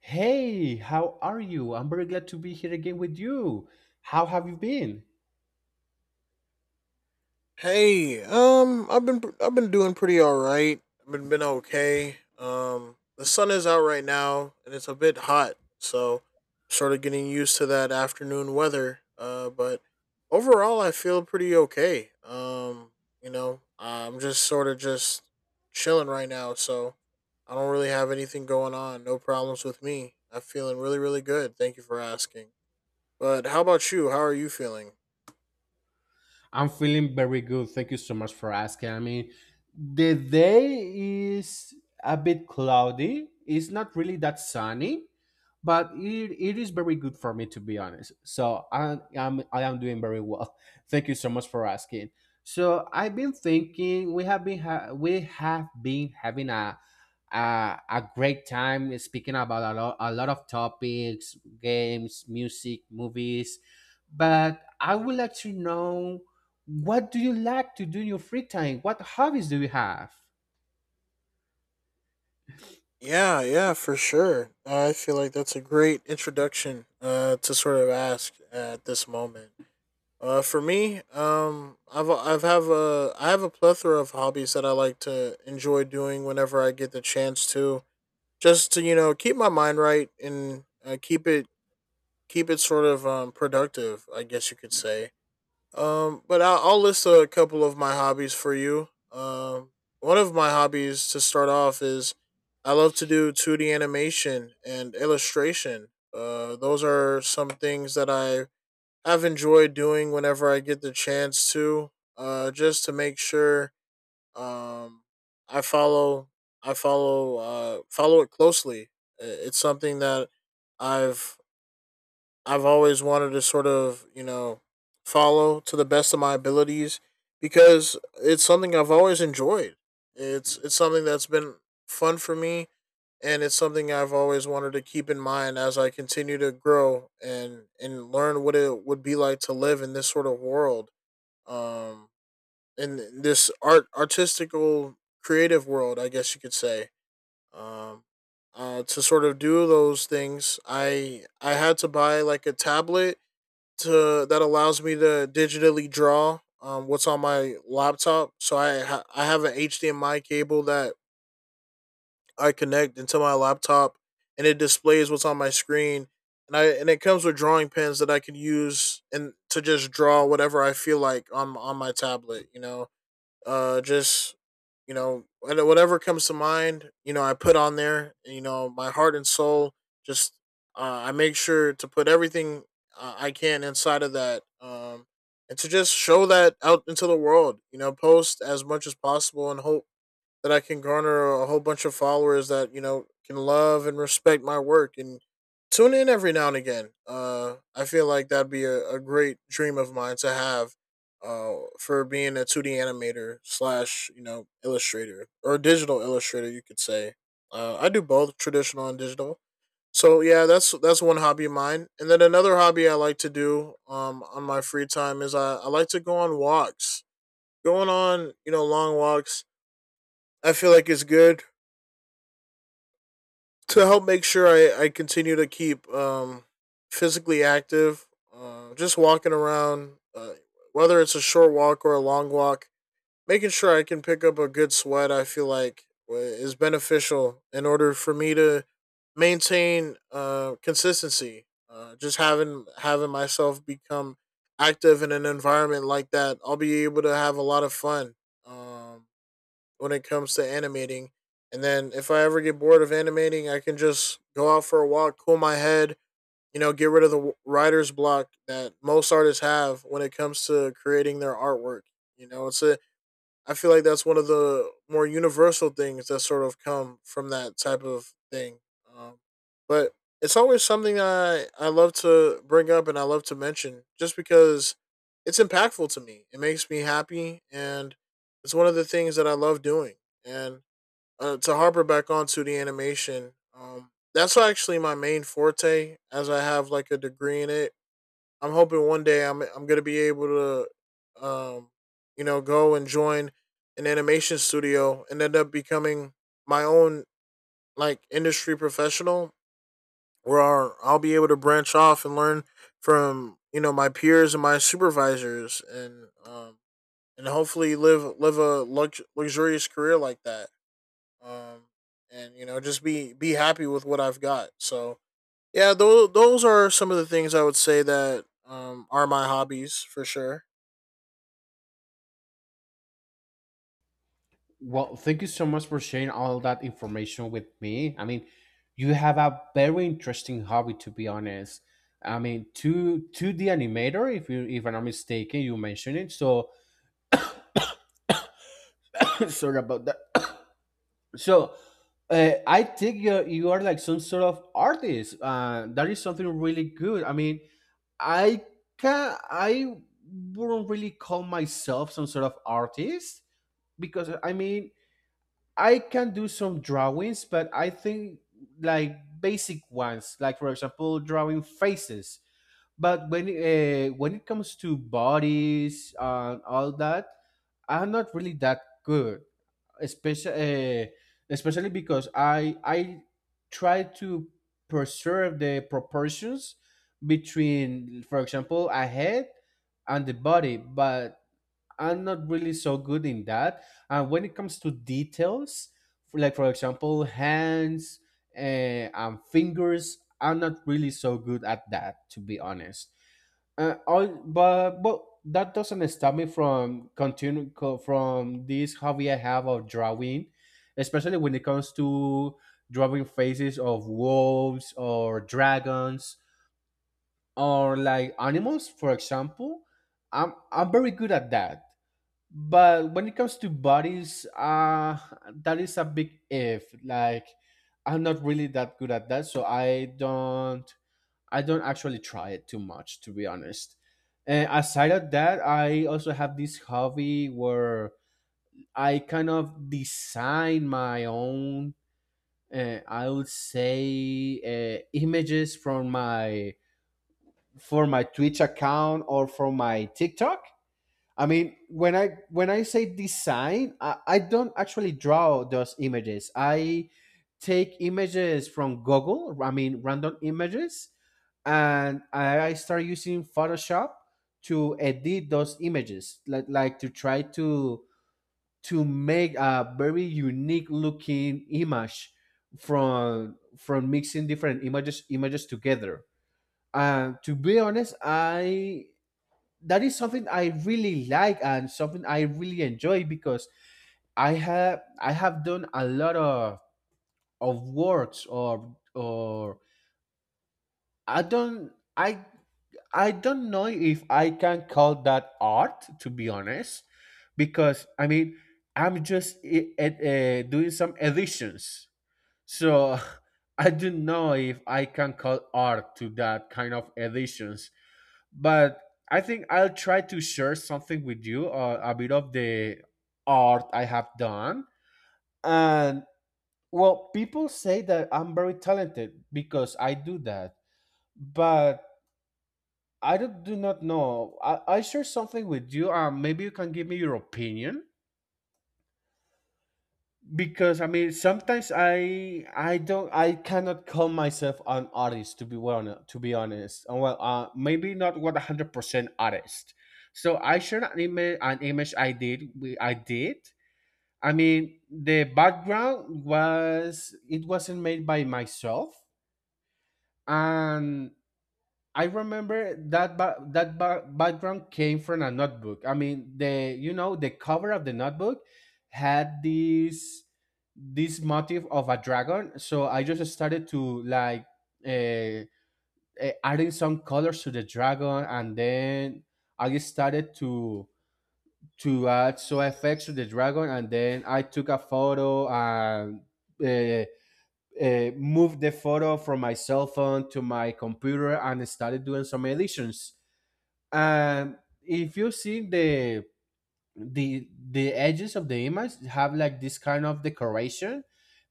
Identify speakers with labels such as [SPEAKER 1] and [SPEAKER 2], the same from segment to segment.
[SPEAKER 1] Hey, how are you? I'm very glad to be here again with you. How have you been?
[SPEAKER 2] Hey, I've been doing pretty all right. I've been okay. The sun is out right now, and it's a bit hot, so sort of getting used to that afternoon weather. But overall, I feel pretty okay. I'm just sort of just chilling right now, so I don't really have anything going on. No problems with me. I'm feeling really really good. Thank you for asking. But how about you? How are you feeling?
[SPEAKER 1] I'm feeling very good. Thank you so much for asking. I mean, the day is a bit cloudy. It's not really that sunny, but it is very good for me to be honest. So I am doing very well. Thank you so much for asking. So I've been thinking we have been we have been having a great time speaking about a lot of topics, games, music, movies, but I would like to know, what do you like to do in your free time? What hobbies do you have?
[SPEAKER 2] Yeah, yeah, for sure. I feel like that's a great introduction to sort of ask at this moment. For me, I have a plethora of hobbies that I like to enjoy doing whenever I get the chance to, just to keep my mind right and keep it sort of productive, I guess you could say. I'll list a couple of my hobbies for you. One of my hobbies to start off is I love to do 2D animation and illustration. Those are some things that I have enjoyed doing whenever I get the chance to, just to make sure um, I follow I follow follow it closely. It's something that I've I've always wanted to sort of, you know, follow to the best of my abilities because it's something I've always enjoyed. It's something that's been fun for me, and it's something I've always wanted to keep in mind as I continue to grow and learn what it would be like to live in this sort of world. Um in this artistical creative world, I guess you could say. Um to sort of do those things, I had to buy like a tablet to that allows me to digitally draw what's on my laptop. So I have an HDMI cable that I connect into my laptop, and it displays what's on my screen. And it comes with drawing pens that I can use and to just draw whatever I feel like on my tablet. You know, just you know whatever comes to mind, you know, I put on there, you know, my heart and soul, just I make sure to put everything I can inside of that, and to just show that out into the world, you know, post as much as possible and hope that I can garner a whole bunch of followers that, you know, can love and respect my work and tune in every now and again. I feel like that'd be a great dream of mine to have. For being a 2D animator slash, you know, illustrator or digital illustrator, you could say. I do both traditional and digital. So yeah, that's one hobby of mine. And then another hobby I like to do on my free time is I like to go on walks. Going on, you know, long walks, I feel like it's good to help make sure I continue to keep physically active, just walking around, whether it's a short walk or a long walk, making sure I can pick up a good sweat. I feel like is beneficial in order for me to maintain consistency. Just having myself become active in an environment like that, I'll be able to have a lot of fun. Um, when it comes to animating. And then if I ever get bored of animating, I can just go out for a walk, cool my head, you know, get rid of the writer's block that most artists have when it comes to creating their artwork. You know, it's a, I feel like that's one of the more universal things that sort of come from that type of thing. Um, but it's always something I love to bring up and I love to mention, just because it's impactful to me. It makes me happy, and it's one of the things that I love doing. And to harbor back onto the animation, that's actually my main forte, as I have like a degree in it. I'm hoping one day I'm gonna be able to, you know, go and join an animation studio and end up becoming my own, like, industry professional, where I'll be able to branch off and learn from, you know, my peers and my supervisors, and hopefully live a luxurious career like that. Um, and you know just be happy with what I've got. So yeah, those are some of the things I would say that are my hobbies for sure.
[SPEAKER 1] Well, thank you so much for sharing all that information with me. I mean, you have a very interesting hobby, to be honest. I mean, to the animator, if you if I'm not mistaken, you mentioned it. So sorry about that. So I think you are like some sort of artist. That is something really good. I mean, I I wouldn't really call myself some sort of artist, because I mean I can do some drawings, but I think like basic ones, like for example drawing faces. But when it comes to bodies and all that, I'm not really that good, especially uh, especially because I try to preserve the proportions between, for example, a head and the body, but I'm not really so good in that. And when it comes to details, like for example, hands uh, and fingers, I'm not really so good at that, to be honest. All, but that doesn't stop me from from this hobby I have of drawing, especially when it comes to drawing faces of wolves or dragons or like animals, for example. I'm very good at that, but when it comes to bodies, that is a big if. Like, I'm not really that good at that, so I don't actually try it too much, to be honest. And aside of that, I also have this hobby where I kind of design my own, I would say, images from my for my Twitch account or from my TikTok. I mean, when I say design, I don't actually draw those images. I take images from Google, I mean random images, and I start using Photoshop to edit those images, like to try to make a very unique looking image from mixing different images together. And to be honest, I that is something I really like and something I really enjoy because I have done a lot of works or I don't I I don't know if I can call that art, to be honest, because I mean I'm just doing some editions, so I don't know if I can call art to that kind of editions. But I think I'll try to share something with you, a bit of the art I have done. And well, people say that I'm very talented because I do that, but I do, do not know. I share something with you, and maybe you can give me your opinion. Because I mean sometimes I cannot call myself an artist, to be, well, to be honest. Well, maybe not 100% artist. So I shared an image, an image I did. I mean the background, was it wasn't made by myself. And I remember that background came from a notebook. I mean, the, you know, the cover of the notebook had this this motif of a dragon. So I just started to, like, uh, adding some colors to the dragon, and then I started to add some effects to the dragon, and then I took a photo and uh, moved the photo from my cell phone to my computer and started doing some editions. And if you see the the edges of the image, have like this kind of decoration.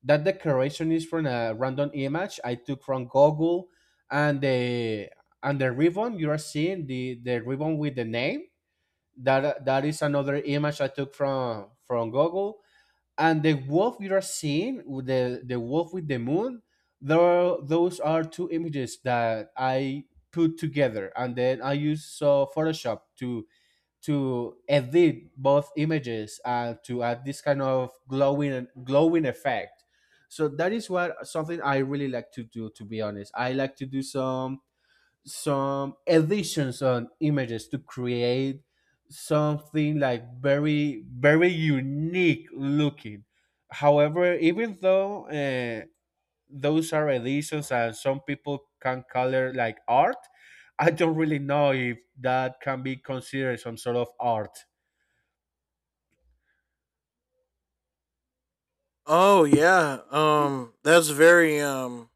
[SPEAKER 1] That decoration is from a random image I took from Google, and the ribbon you are seeing, the ribbon with the name, that that is another image I took from Google. And the wolf you are seeing with the wolf with the moon. There, those are two images that I put together, and then I use Photoshop to edit both images and to add this kind of glowing effect. So that is what something I really like to do. To be honest, I like to do some additions on images to create something like very unique looking. However, even though those are editions and some people can call it like art, I don't really know if that can be considered some sort of art.
[SPEAKER 2] Oh yeah, that's very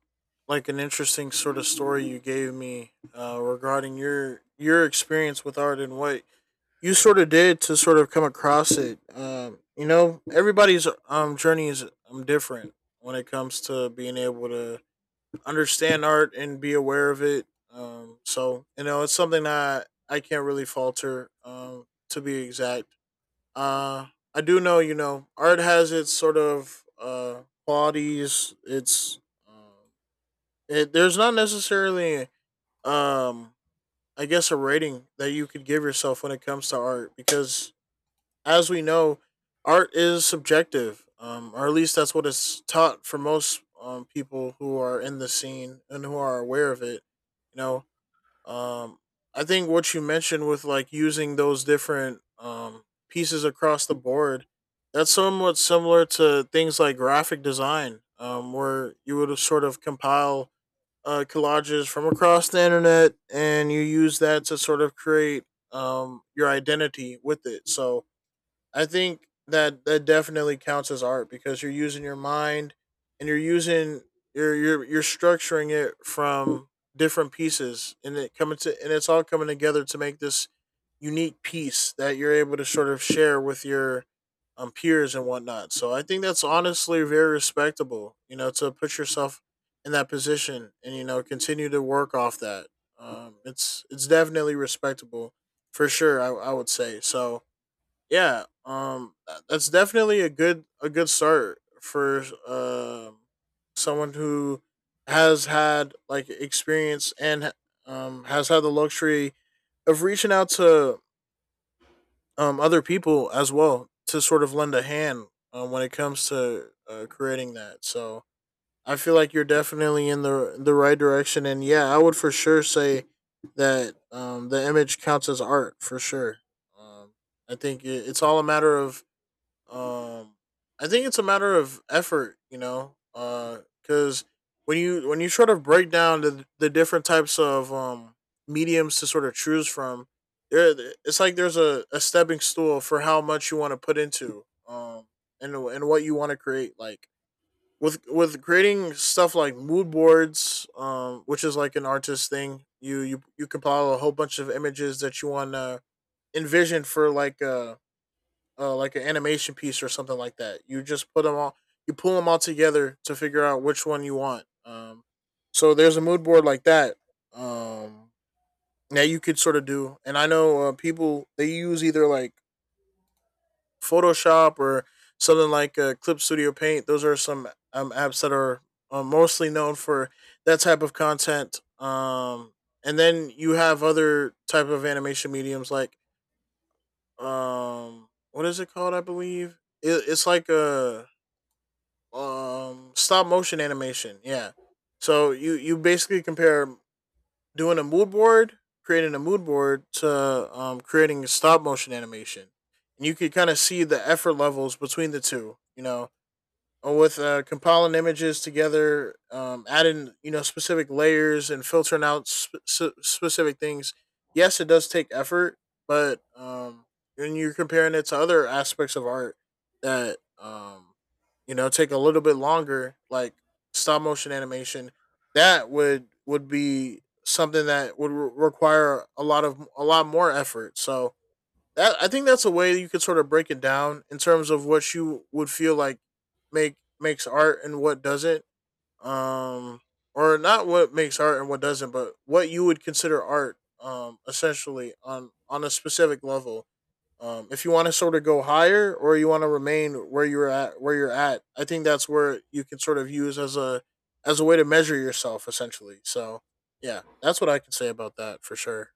[SPEAKER 2] like an interesting sort of story you gave me regarding your experience with art and what you sort of did to sort of come across it. You know, everybody's journey is different when it comes to being able to understand art and be aware of it. So you know, it's something that I can't really falter. To be exact, uh, I do know, you know, art has its sort of qualities. Um, there's not necessarily um I guess a rating that you could give yourself when it comes to art, because as we know, art is subjective, or at least that's what it's taught for most people who are in the scene and who are aware of it. You know, um, I think what you mentioned with, like, using those different pieces across the board, that's somewhat similar to things like graphic design, where you would sort of compile collages from across the internet, and you use that to sort of create your identity with it. So, I think that definitely counts as art, because you're using your mind, and you're using, you're structuring it from different pieces, and it's all coming together to make this unique piece that you're able to sort of share with your peers and whatnot. So I think that's honestly very respectable, you know, to put yourself in that position and, you know, continue to work off that. It's definitely respectable for sure. I would say. So yeah, that's definitely a good start for someone who has had like experience and has had the luxury of reaching out to other people as well to sort of lend a hand when it comes to creating that. So I feel like you're definitely in the right direction, and yeah, I would for sure say that the image counts as art for sure. um it's all a matter of um, I think it's a matter of effort, you know, because when you, when you sort of break down the different types of mediums to sort of choose from, there, it's like there's a stepping stool for how much you want to put into and what you want to create, like. With creating stuff like mood boards, which is like an artist thing, you compile a whole bunch of images that you want to envision for like an animation piece or something like that. You just put them all, you pull them all together to figure out which one you want. So there's a mood board like that um, that you could sort of do. And I know, people, they use either like Photoshop or something like, Clip Studio Paint. Those are some apps that are mostly known for that type of content. And then you have other type of animation mediums like, what is it called? I believe it's like a stop motion animation. Yeah. So you basically compare doing a mood board, creating a mood board, to creating a stop motion animation. And you could kind of see the effort levels between the two, you know, with compiling images together, adding, you know, specific layers and filtering out specific things. Yes, it does take effort, but when you're comparing it to other aspects of art that, you know, take a little bit longer, like stop motion animation, that would be something that would require a lot of a lot more effort. So that, I think that's a way you could sort of break it down in terms of what you would feel like makes art and what doesn't. Um or not what makes art and what doesn't, but what you would consider art essentially on a specific level. If you want to sort of go higher or you want to remain where you're at, I think that's where you can sort of use as a way to measure yourself essentially. So, yeah, that's what I can say about that for sure.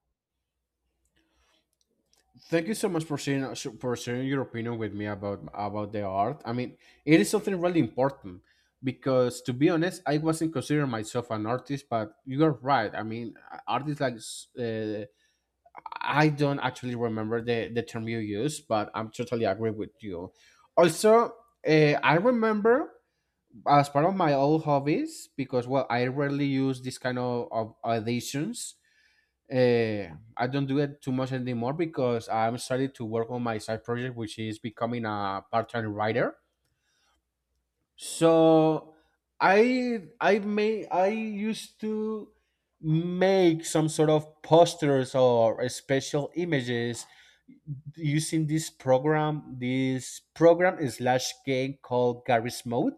[SPEAKER 1] Thank you so much for sharing your opinion with me about the art. I mean, it is something really important because, to be honest, I wasn't considering myself an artist, but you are right. I mean, artists like I don't actually remember the term you use, but I'm totally agree with you. Also, I remember, as part of my old hobbies, because well I rarely use this kind of auditions, I don't do it too much anymore because I'm starting to work on my side project, which is becoming a part-time writer. So I used to make some sort of posters or special images using this program slash game called Garry's Mode.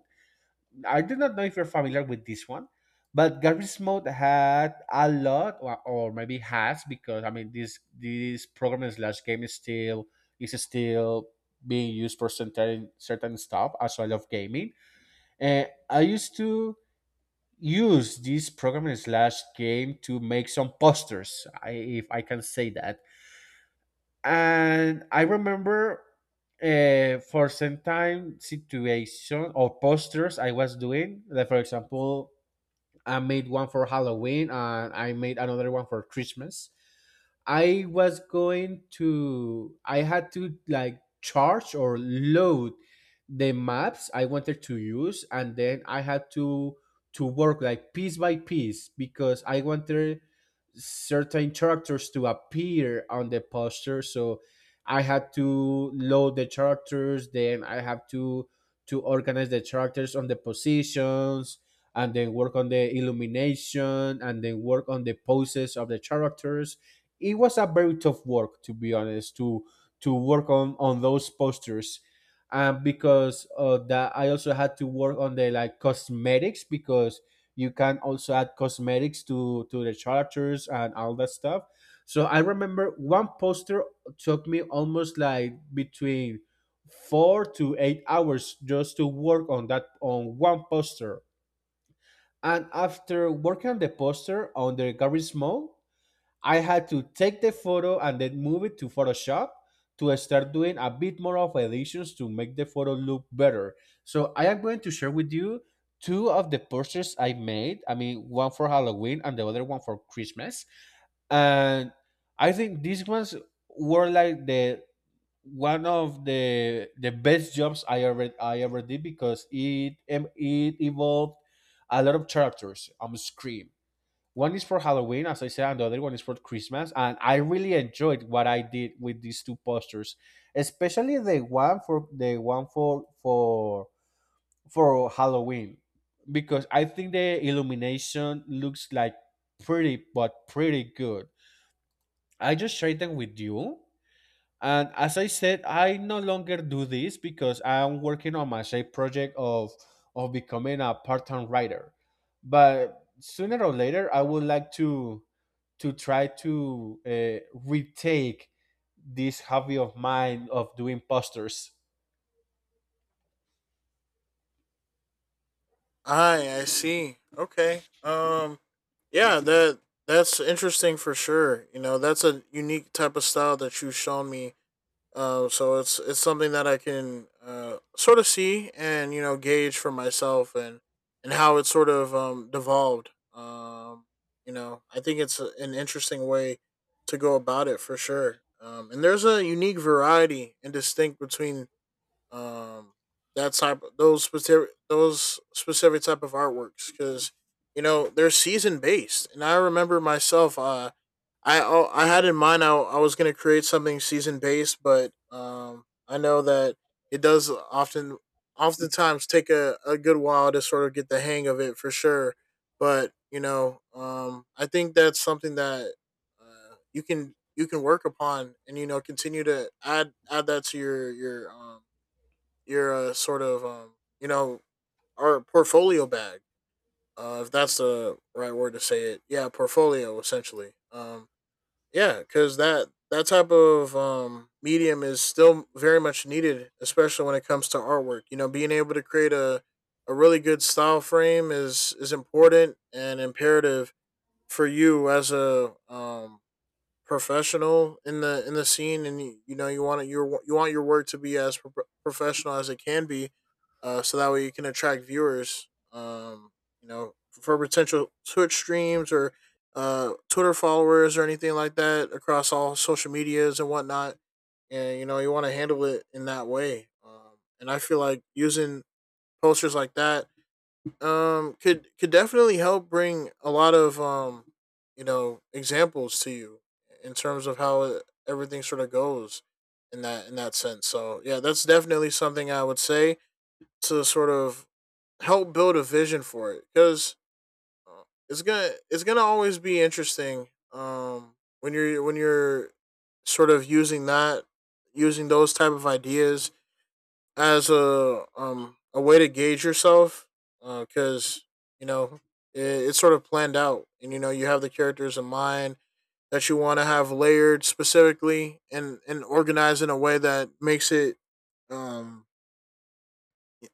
[SPEAKER 1] I do not know if you're familiar with this one, but Garbage Mode had a lot, or maybe has, because I mean this program slash game is still being used for certain stuff as well of gaming. And I used to use this program slash game to make some posters, if I can say that. And I remember, for some time situation or posters I was doing, like for example I made one for Halloween and I made another one for Christmas. I had to like charge or load the maps I wanted to use, and then I had to work like piece by piece, because I wanted certain characters to appear on the poster. So I had to load the characters, then I have to organize the characters on the positions, and then work on the illumination, and then work on the poses of the characters. It was a very tough work, to be honest, to work on those posters. And because of that, I also had to work on the like cosmetics, because you can also add cosmetics to the characters and all that stuff. So I remember one poster took me almost like between 4 to 8 hours just to work on that on one poster. And after working on the poster on the garage mall, I had to take the photo and then move it to Photoshop to start doing a bit more of additions to make the photo look better. So I am going to share with you two of the purchases I made. I mean, one for Halloween and the other one for Christmas. And I think these ones were like the one of the best jobs I ever did, because it involved a lot of characters on the screen. One is for Halloween, as I said, and the other one is for Christmas. And I really enjoyed what I did with these two posters, especially the one for for Halloween, because I think the illumination looks like pretty good. I just shared them with you, and as I said, I no longer do this because I'm working on my side project of becoming a part-time writer. But sooner or later, I would like to try to retake this hobby of mine of doing posters.
[SPEAKER 2] I see. Okay. Yeah, that's interesting for sure. You know, that's a unique type of style that you've shown me. So it's something that I can sort of see and, you know, gauge for myself and how it sort of devolved. You know, I think it's an interesting way to go about it for sure. And there's a unique variety and distinct between um that type those specific type of artworks because, you know, they're season based, and I remember myself I had in mind I was going to create something season based, but I know that it does oftentimes take a good while to sort of get the hang of it for sure. But, you know, I think that's something that you can work upon and, you know, continue to add that to your sort of you know, our portfolio bag, if that's the right word to say it. Yeah, portfolio essentially. Yeah, because that type of medium is still very much needed, especially when it comes to artwork. You know, being able to create a really good style frame is important and imperative for you as a professional in the scene, and you know, you want your work to be as professional as it can be, so that way you can attract viewers. You know, for potential Twitch streams or Twitter followers or anything like that across all social medias and whatnot. And, you know, you want to handle it in that way. And I feel like using posters like that could definitely help bring a lot of you know, examples to you in terms of everything sort of goes in that sense. So yeah, that's definitely something I would say to sort of help build a vision for it, because it's gonna always be interesting um when you're sort of using that using those type of ideas as a way to gauge yourself, because you know, it, it's sort of planned out, and, you know, you have the characters in mind that you want to have layered specifically and organized in a way that makes it um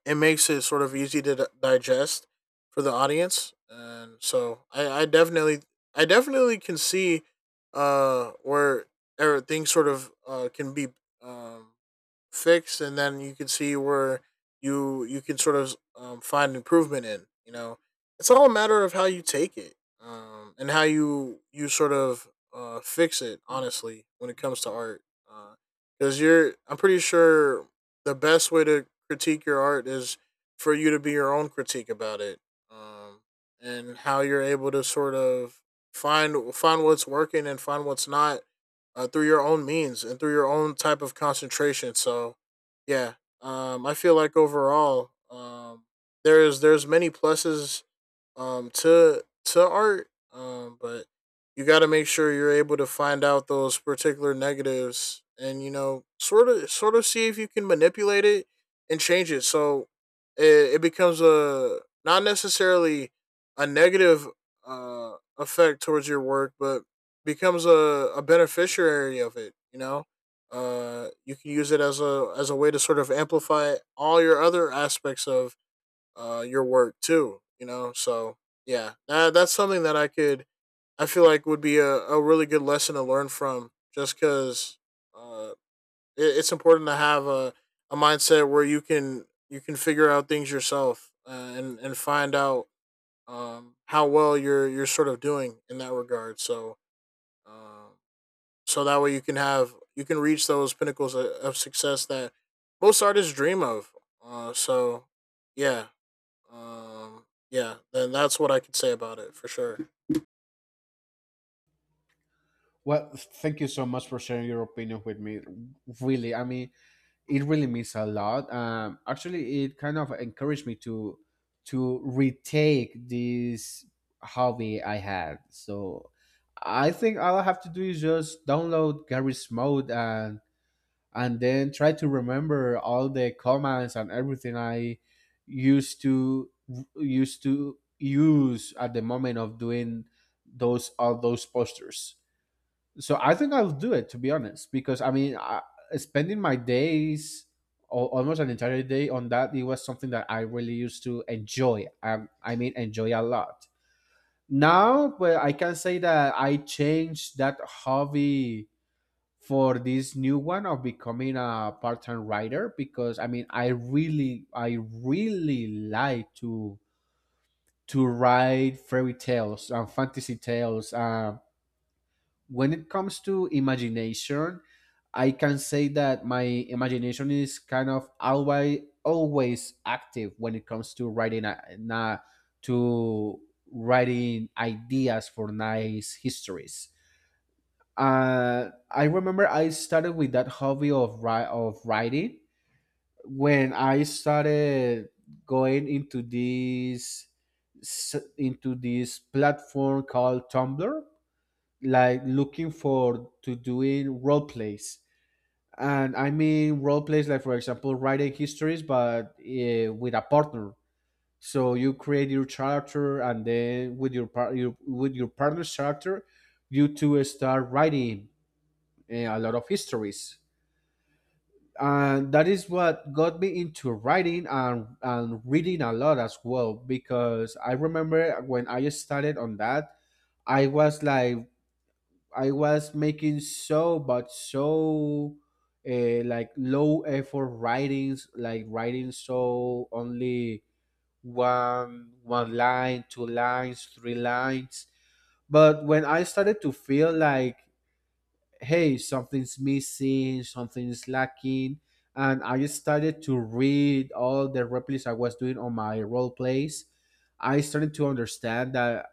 [SPEAKER 2] makes it sort of easy to digest for the audience. And so I definitely can see where or things sort of can be um fixed, and then you can see where you can sort of find improvement in. You know, it's all a matter of how you take it and how you sort of fix it. Honestly, when it comes to art, because I'm pretty sure the best way to critique your art is for you to be your own critique about it, um, and how you're able to sort of find what's working and find what's not, through your own means and through your own type of concentration. So, yeah, I feel like overall, there's many pluses to art, but you got to make sure you're able to find out those particular negatives and, you know, sort of see if you can manipulate it and change it. So it becomes a not necessarily a negative effect towards your work, but becomes a beneficiary of it. You know, you can use it as a way to sort of amplify all your other aspects of your work too. You know, so yeah, that's something that I feel like would be a really good lesson to learn from. Just because uh, it, it's important to have a mindset where you can figure out things yourself, and find out how well you're sort of doing in that regard. So um, that way you can reach those pinnacles of success that most artists dream of. Uh, so yeah, yeah, then that's what I could say about it for sure.
[SPEAKER 1] Well, thank you so much for sharing your opinion with me. Really, I mean, it really means a lot. Actually, it kind of encouraged me to retake this hobby I had. So I think all I have to do is just download Garry's Mode and then try to remember all the commands and everything I used to used to use at the moment of doing those all those posters. So I think I'll do it, to be honest, because I mean, I, spending my days almost an entire day on that, it was something that I really used to enjoy. I mean, enjoy a lot. Now, well, I can say that I changed that hobby for this new one of becoming a part-time writer because I mean, I really like to write fairy tales and fantasy tales. When it comes to imagination, I can say that my imagination is kind of always active when it comes to to writing ideas for nice histories. I remember I started with that hobby of writing when I started going into this platform called Tumblr, like looking for to doing role plays. And I mean role plays like, for example, writing histories but with a partner. So you create your character and then with your, par- your with your partner's character, you two start writing a lot of histories, and that is what got me into writing and reading a lot as well. Because I remember when I started on that, I was like, I was making so but so like low effort writings, like writing so only one line, two lines, three lines. But when I started to feel like, hey, something's missing, something's lacking, and I started to read all the replays I was doing on my role plays, I started to understand that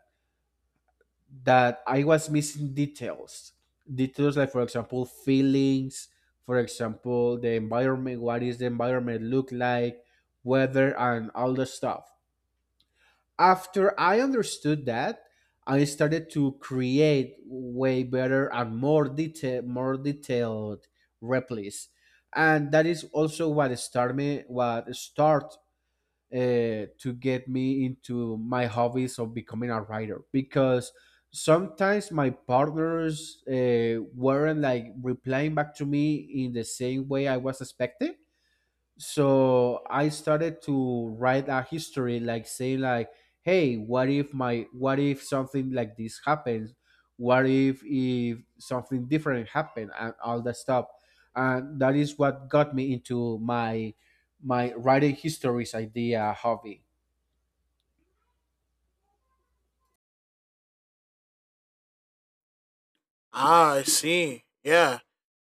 [SPEAKER 1] that I was missing details. Details like, for example, feelings, for example, the environment, what is the environment look like, weather, and all the stuff. After I understood that, I started to create way better and more detailed replis, and that is also what started me, what start to get me into my hobbies of becoming a writer. Because sometimes my partners weren't like replying back to me in the same way I was expecting. So I started to write a history like saying like, hey, what if something like this happens, what if something different happened and all that stuff. And that is what got me into my my writing histories idea hobby.
[SPEAKER 2] Ah, I see. Yeah.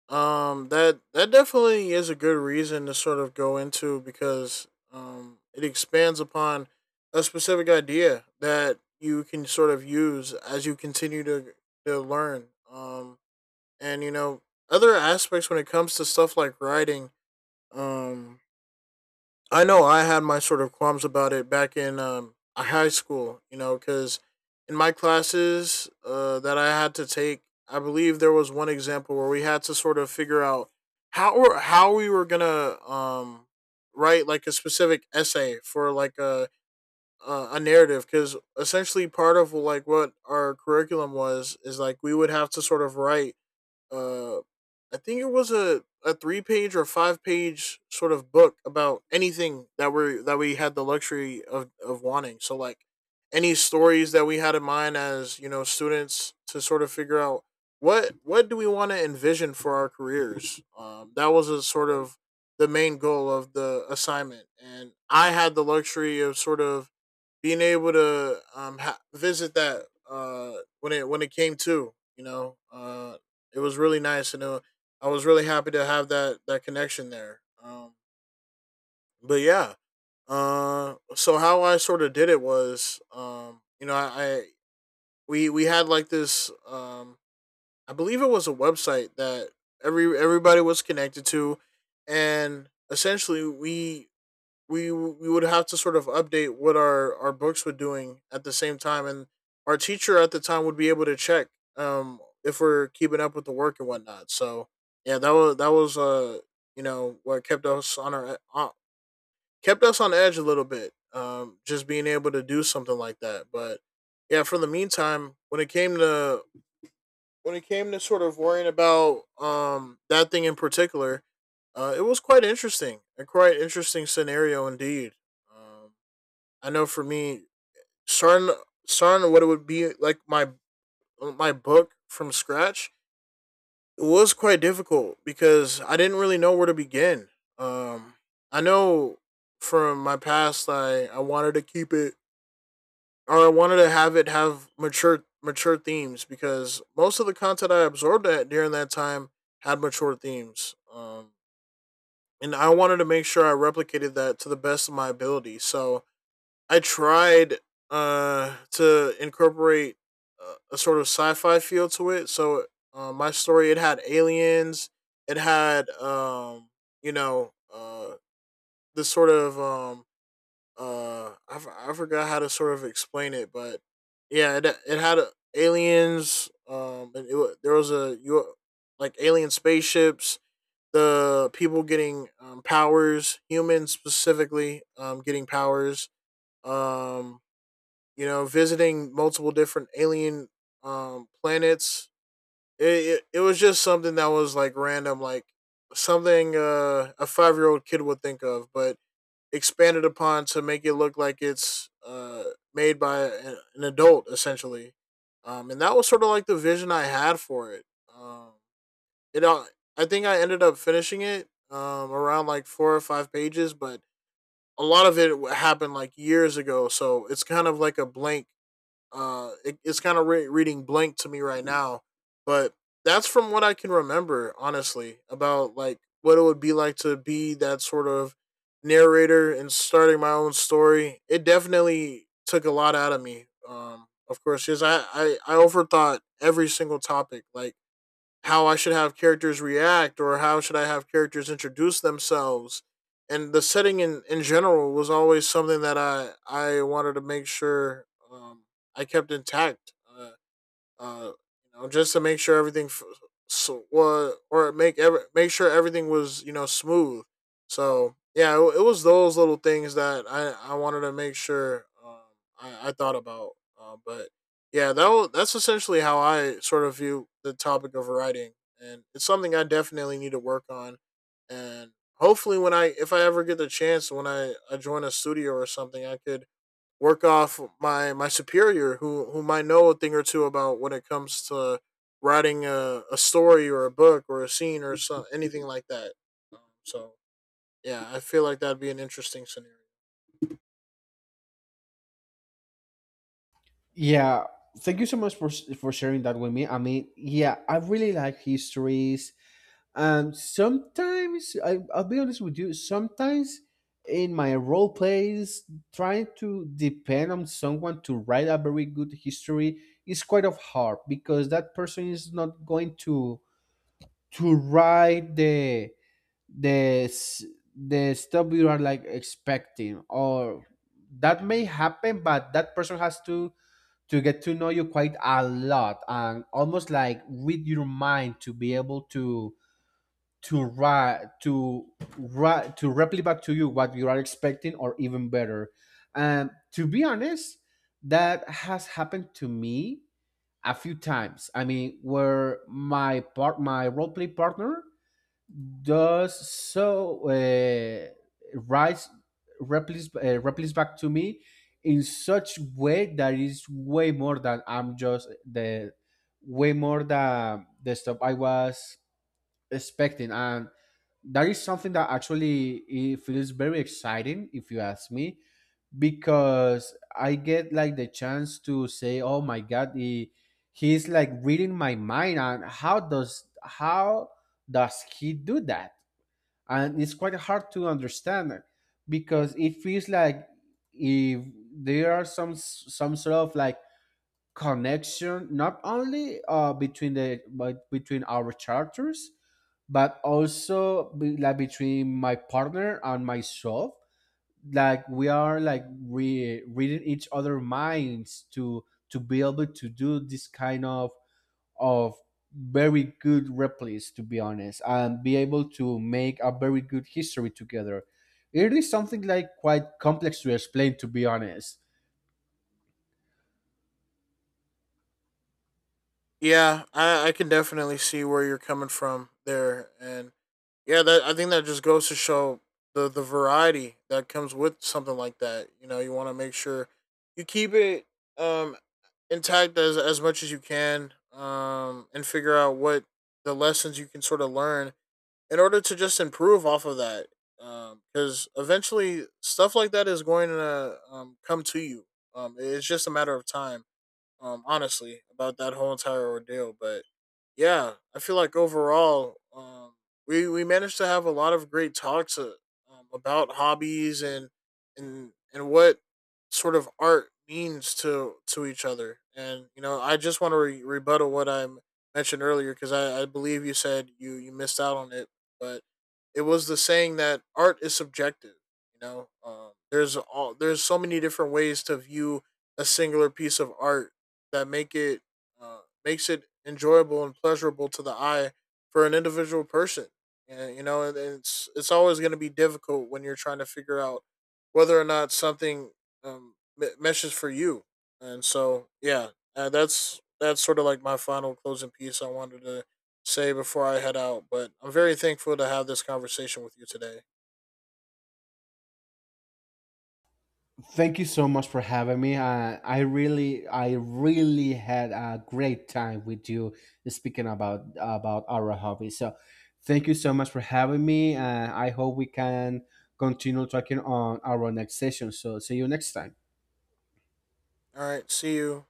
[SPEAKER 2] That that definitely is a good reason to sort of go into because it expands upon a specific idea that you can sort of use as you continue to learn. And you know, other aspects when it comes to stuff like writing. Um, I know I had my sort of qualms about it back in high school, you know, because in my classes, that I had to take, I believe there was one example where we had to sort of figure out how we were gonna write like a specific essay for like a narrative, because essentially part of like what our curriculum was, is like we would have to sort of write uh I think it was a three page or five-page sort of book about anything that we had the luxury of wanting. So like any stories that we had in mind as, you know, students to sort of figure out what do we want to envision for our careers. That was a sort of the main goal of the assignment. And I had the luxury of sort of being able to visit that when it came to, you know, it was really nice, and I was really happy to have that connection there. But Yeah, so how I sort of did it was, you know, I we had like this, I believe it was a website that everybody was connected to, and essentially we would have to sort of update what our books were doing at the same time, and our teacher at the time would be able to check if we're keeping up with the work and whatnot. So yeah, that was you know, what kept us on our kept us on edge a little bit. Just being able to do something like that, but yeah, for the meantime, when it came to sort of worrying about that thing in particular, it was quite interesting, a quite interesting scenario indeed. Um, I know for me, starting starting what it would be like my book from scratch, it was quite difficult because I didn't really know where to begin. Um, I know from my past, I wanted to keep it, or I wanted to have it have mature themes, because most of the content I absorbed at during that time had mature themes. And I wanted to make sure I replicated that to the best of my ability. So I tried to incorporate a sort of sci-fi feel to it. So my story, it had aliens, it had you know, this sort of I forgot how to sort of explain it, but yeah, it had aliens, and there was a you like alien spaceships, the people getting powers, humans specifically getting powers, um you know, visiting multiple different alien planets. It was just something that was like random, like something a 5 year old kid would think of, but expanded upon to make it look like it's made by an adult essentially. And that was sort of like the vision I had for it. um, it uh, I think I ended up finishing it around like four or five pages, but a lot of it happened like years ago, so it's kind of like a blank. It's kind of reading blank to me right now, but that's from what I can remember, honestly, about like what it would be like to be that sort of narrator and starting my own story. It definitely took a lot out of me. Of course, because I overthought every single topic, like how I should have characters react or how should I have characters introduce themselves. And the setting in general was always something that I wanted to make sure um, I kept intact. Uh, you know, just to make sure everything f- so or make every make sure everything was, you know, smooth. So yeah, it was those little things that I wanted to make sure I thought about. But Yeah, that's essentially how I sort of view the topic of writing, and it's something I definitely need to work on, and hopefully when I, if I ever get the chance when I join a studio or something, I could work off my superior who might know a thing or two about when it comes to writing a story or a book or a scene or something anything like that. Um, so yeah, I feel like that'd be an interesting scenario.
[SPEAKER 1] Yeah, thank you so much for sharing that with me. I mean, yeah, I really like histories. Sometimes I'll be honest with you. Sometimes in my role plays, trying to depend on someone to write a very good history is quite of hard, because that person is not going to write the s- the stuff you are like expecting, or that may happen. But that person has to get to know you quite a lot and almost like with your mind to be able to ra- to to replicate back to you what you are expecting, or even better. And to be honest, that has happened to me a few times. I mean, where my role play partner does so rise replies replies back to me in such way that is way more than the stuff I was expecting. And that is something that actually it feels very exciting if you ask me, because I get like the chance to say, "Oh my God, he's like reading my mind, and how does he do that?" And it's quite hard to understand, because it feels like if there are some sort of like connection, not only between the but between our charters, but also like between my partner and myself. Like we are like reading each other minds to be able to do this kind of very good replies, to be honest, and be able to make a very good history together. It is something like quite complex to explain, to be honest.
[SPEAKER 2] Yeah, I can definitely see where you're coming from there, and yeah, that I think that just goes to show the variety that comes with something like that. You know, you want to make sure you keep it um intact as much as you can, and figure out what the lessons you can sort of learn in order to just improve off of that. Because eventually stuff like that is going to come to you. It's just a matter of time honestly, about that whole entire ordeal. But yeah, I feel like overall, we managed to have a lot of great talks, about hobbies and and what sort of art means to each other. And, you know, I just want to rebuttal what I mentioned earlier, because I believe you said you missed out on it, but it was the saying that art is subjective. You know, there's so many different ways to view a singular piece of art that makes it enjoyable and pleasurable to the eye for an individual person. And, you know, and it's always going to be difficult when you're trying to figure out whether or not something meshes for you. And so, yeah, that's sort of like my final closing piece I wanted to say before I head out. But I'm very thankful to have this conversation with you today.
[SPEAKER 1] Thank you so much for having me. I really had a great time with you speaking about our hobby. So thank you so much for having me, and I hope we can continue talking on our next session. So see you next time.
[SPEAKER 2] All right, see you.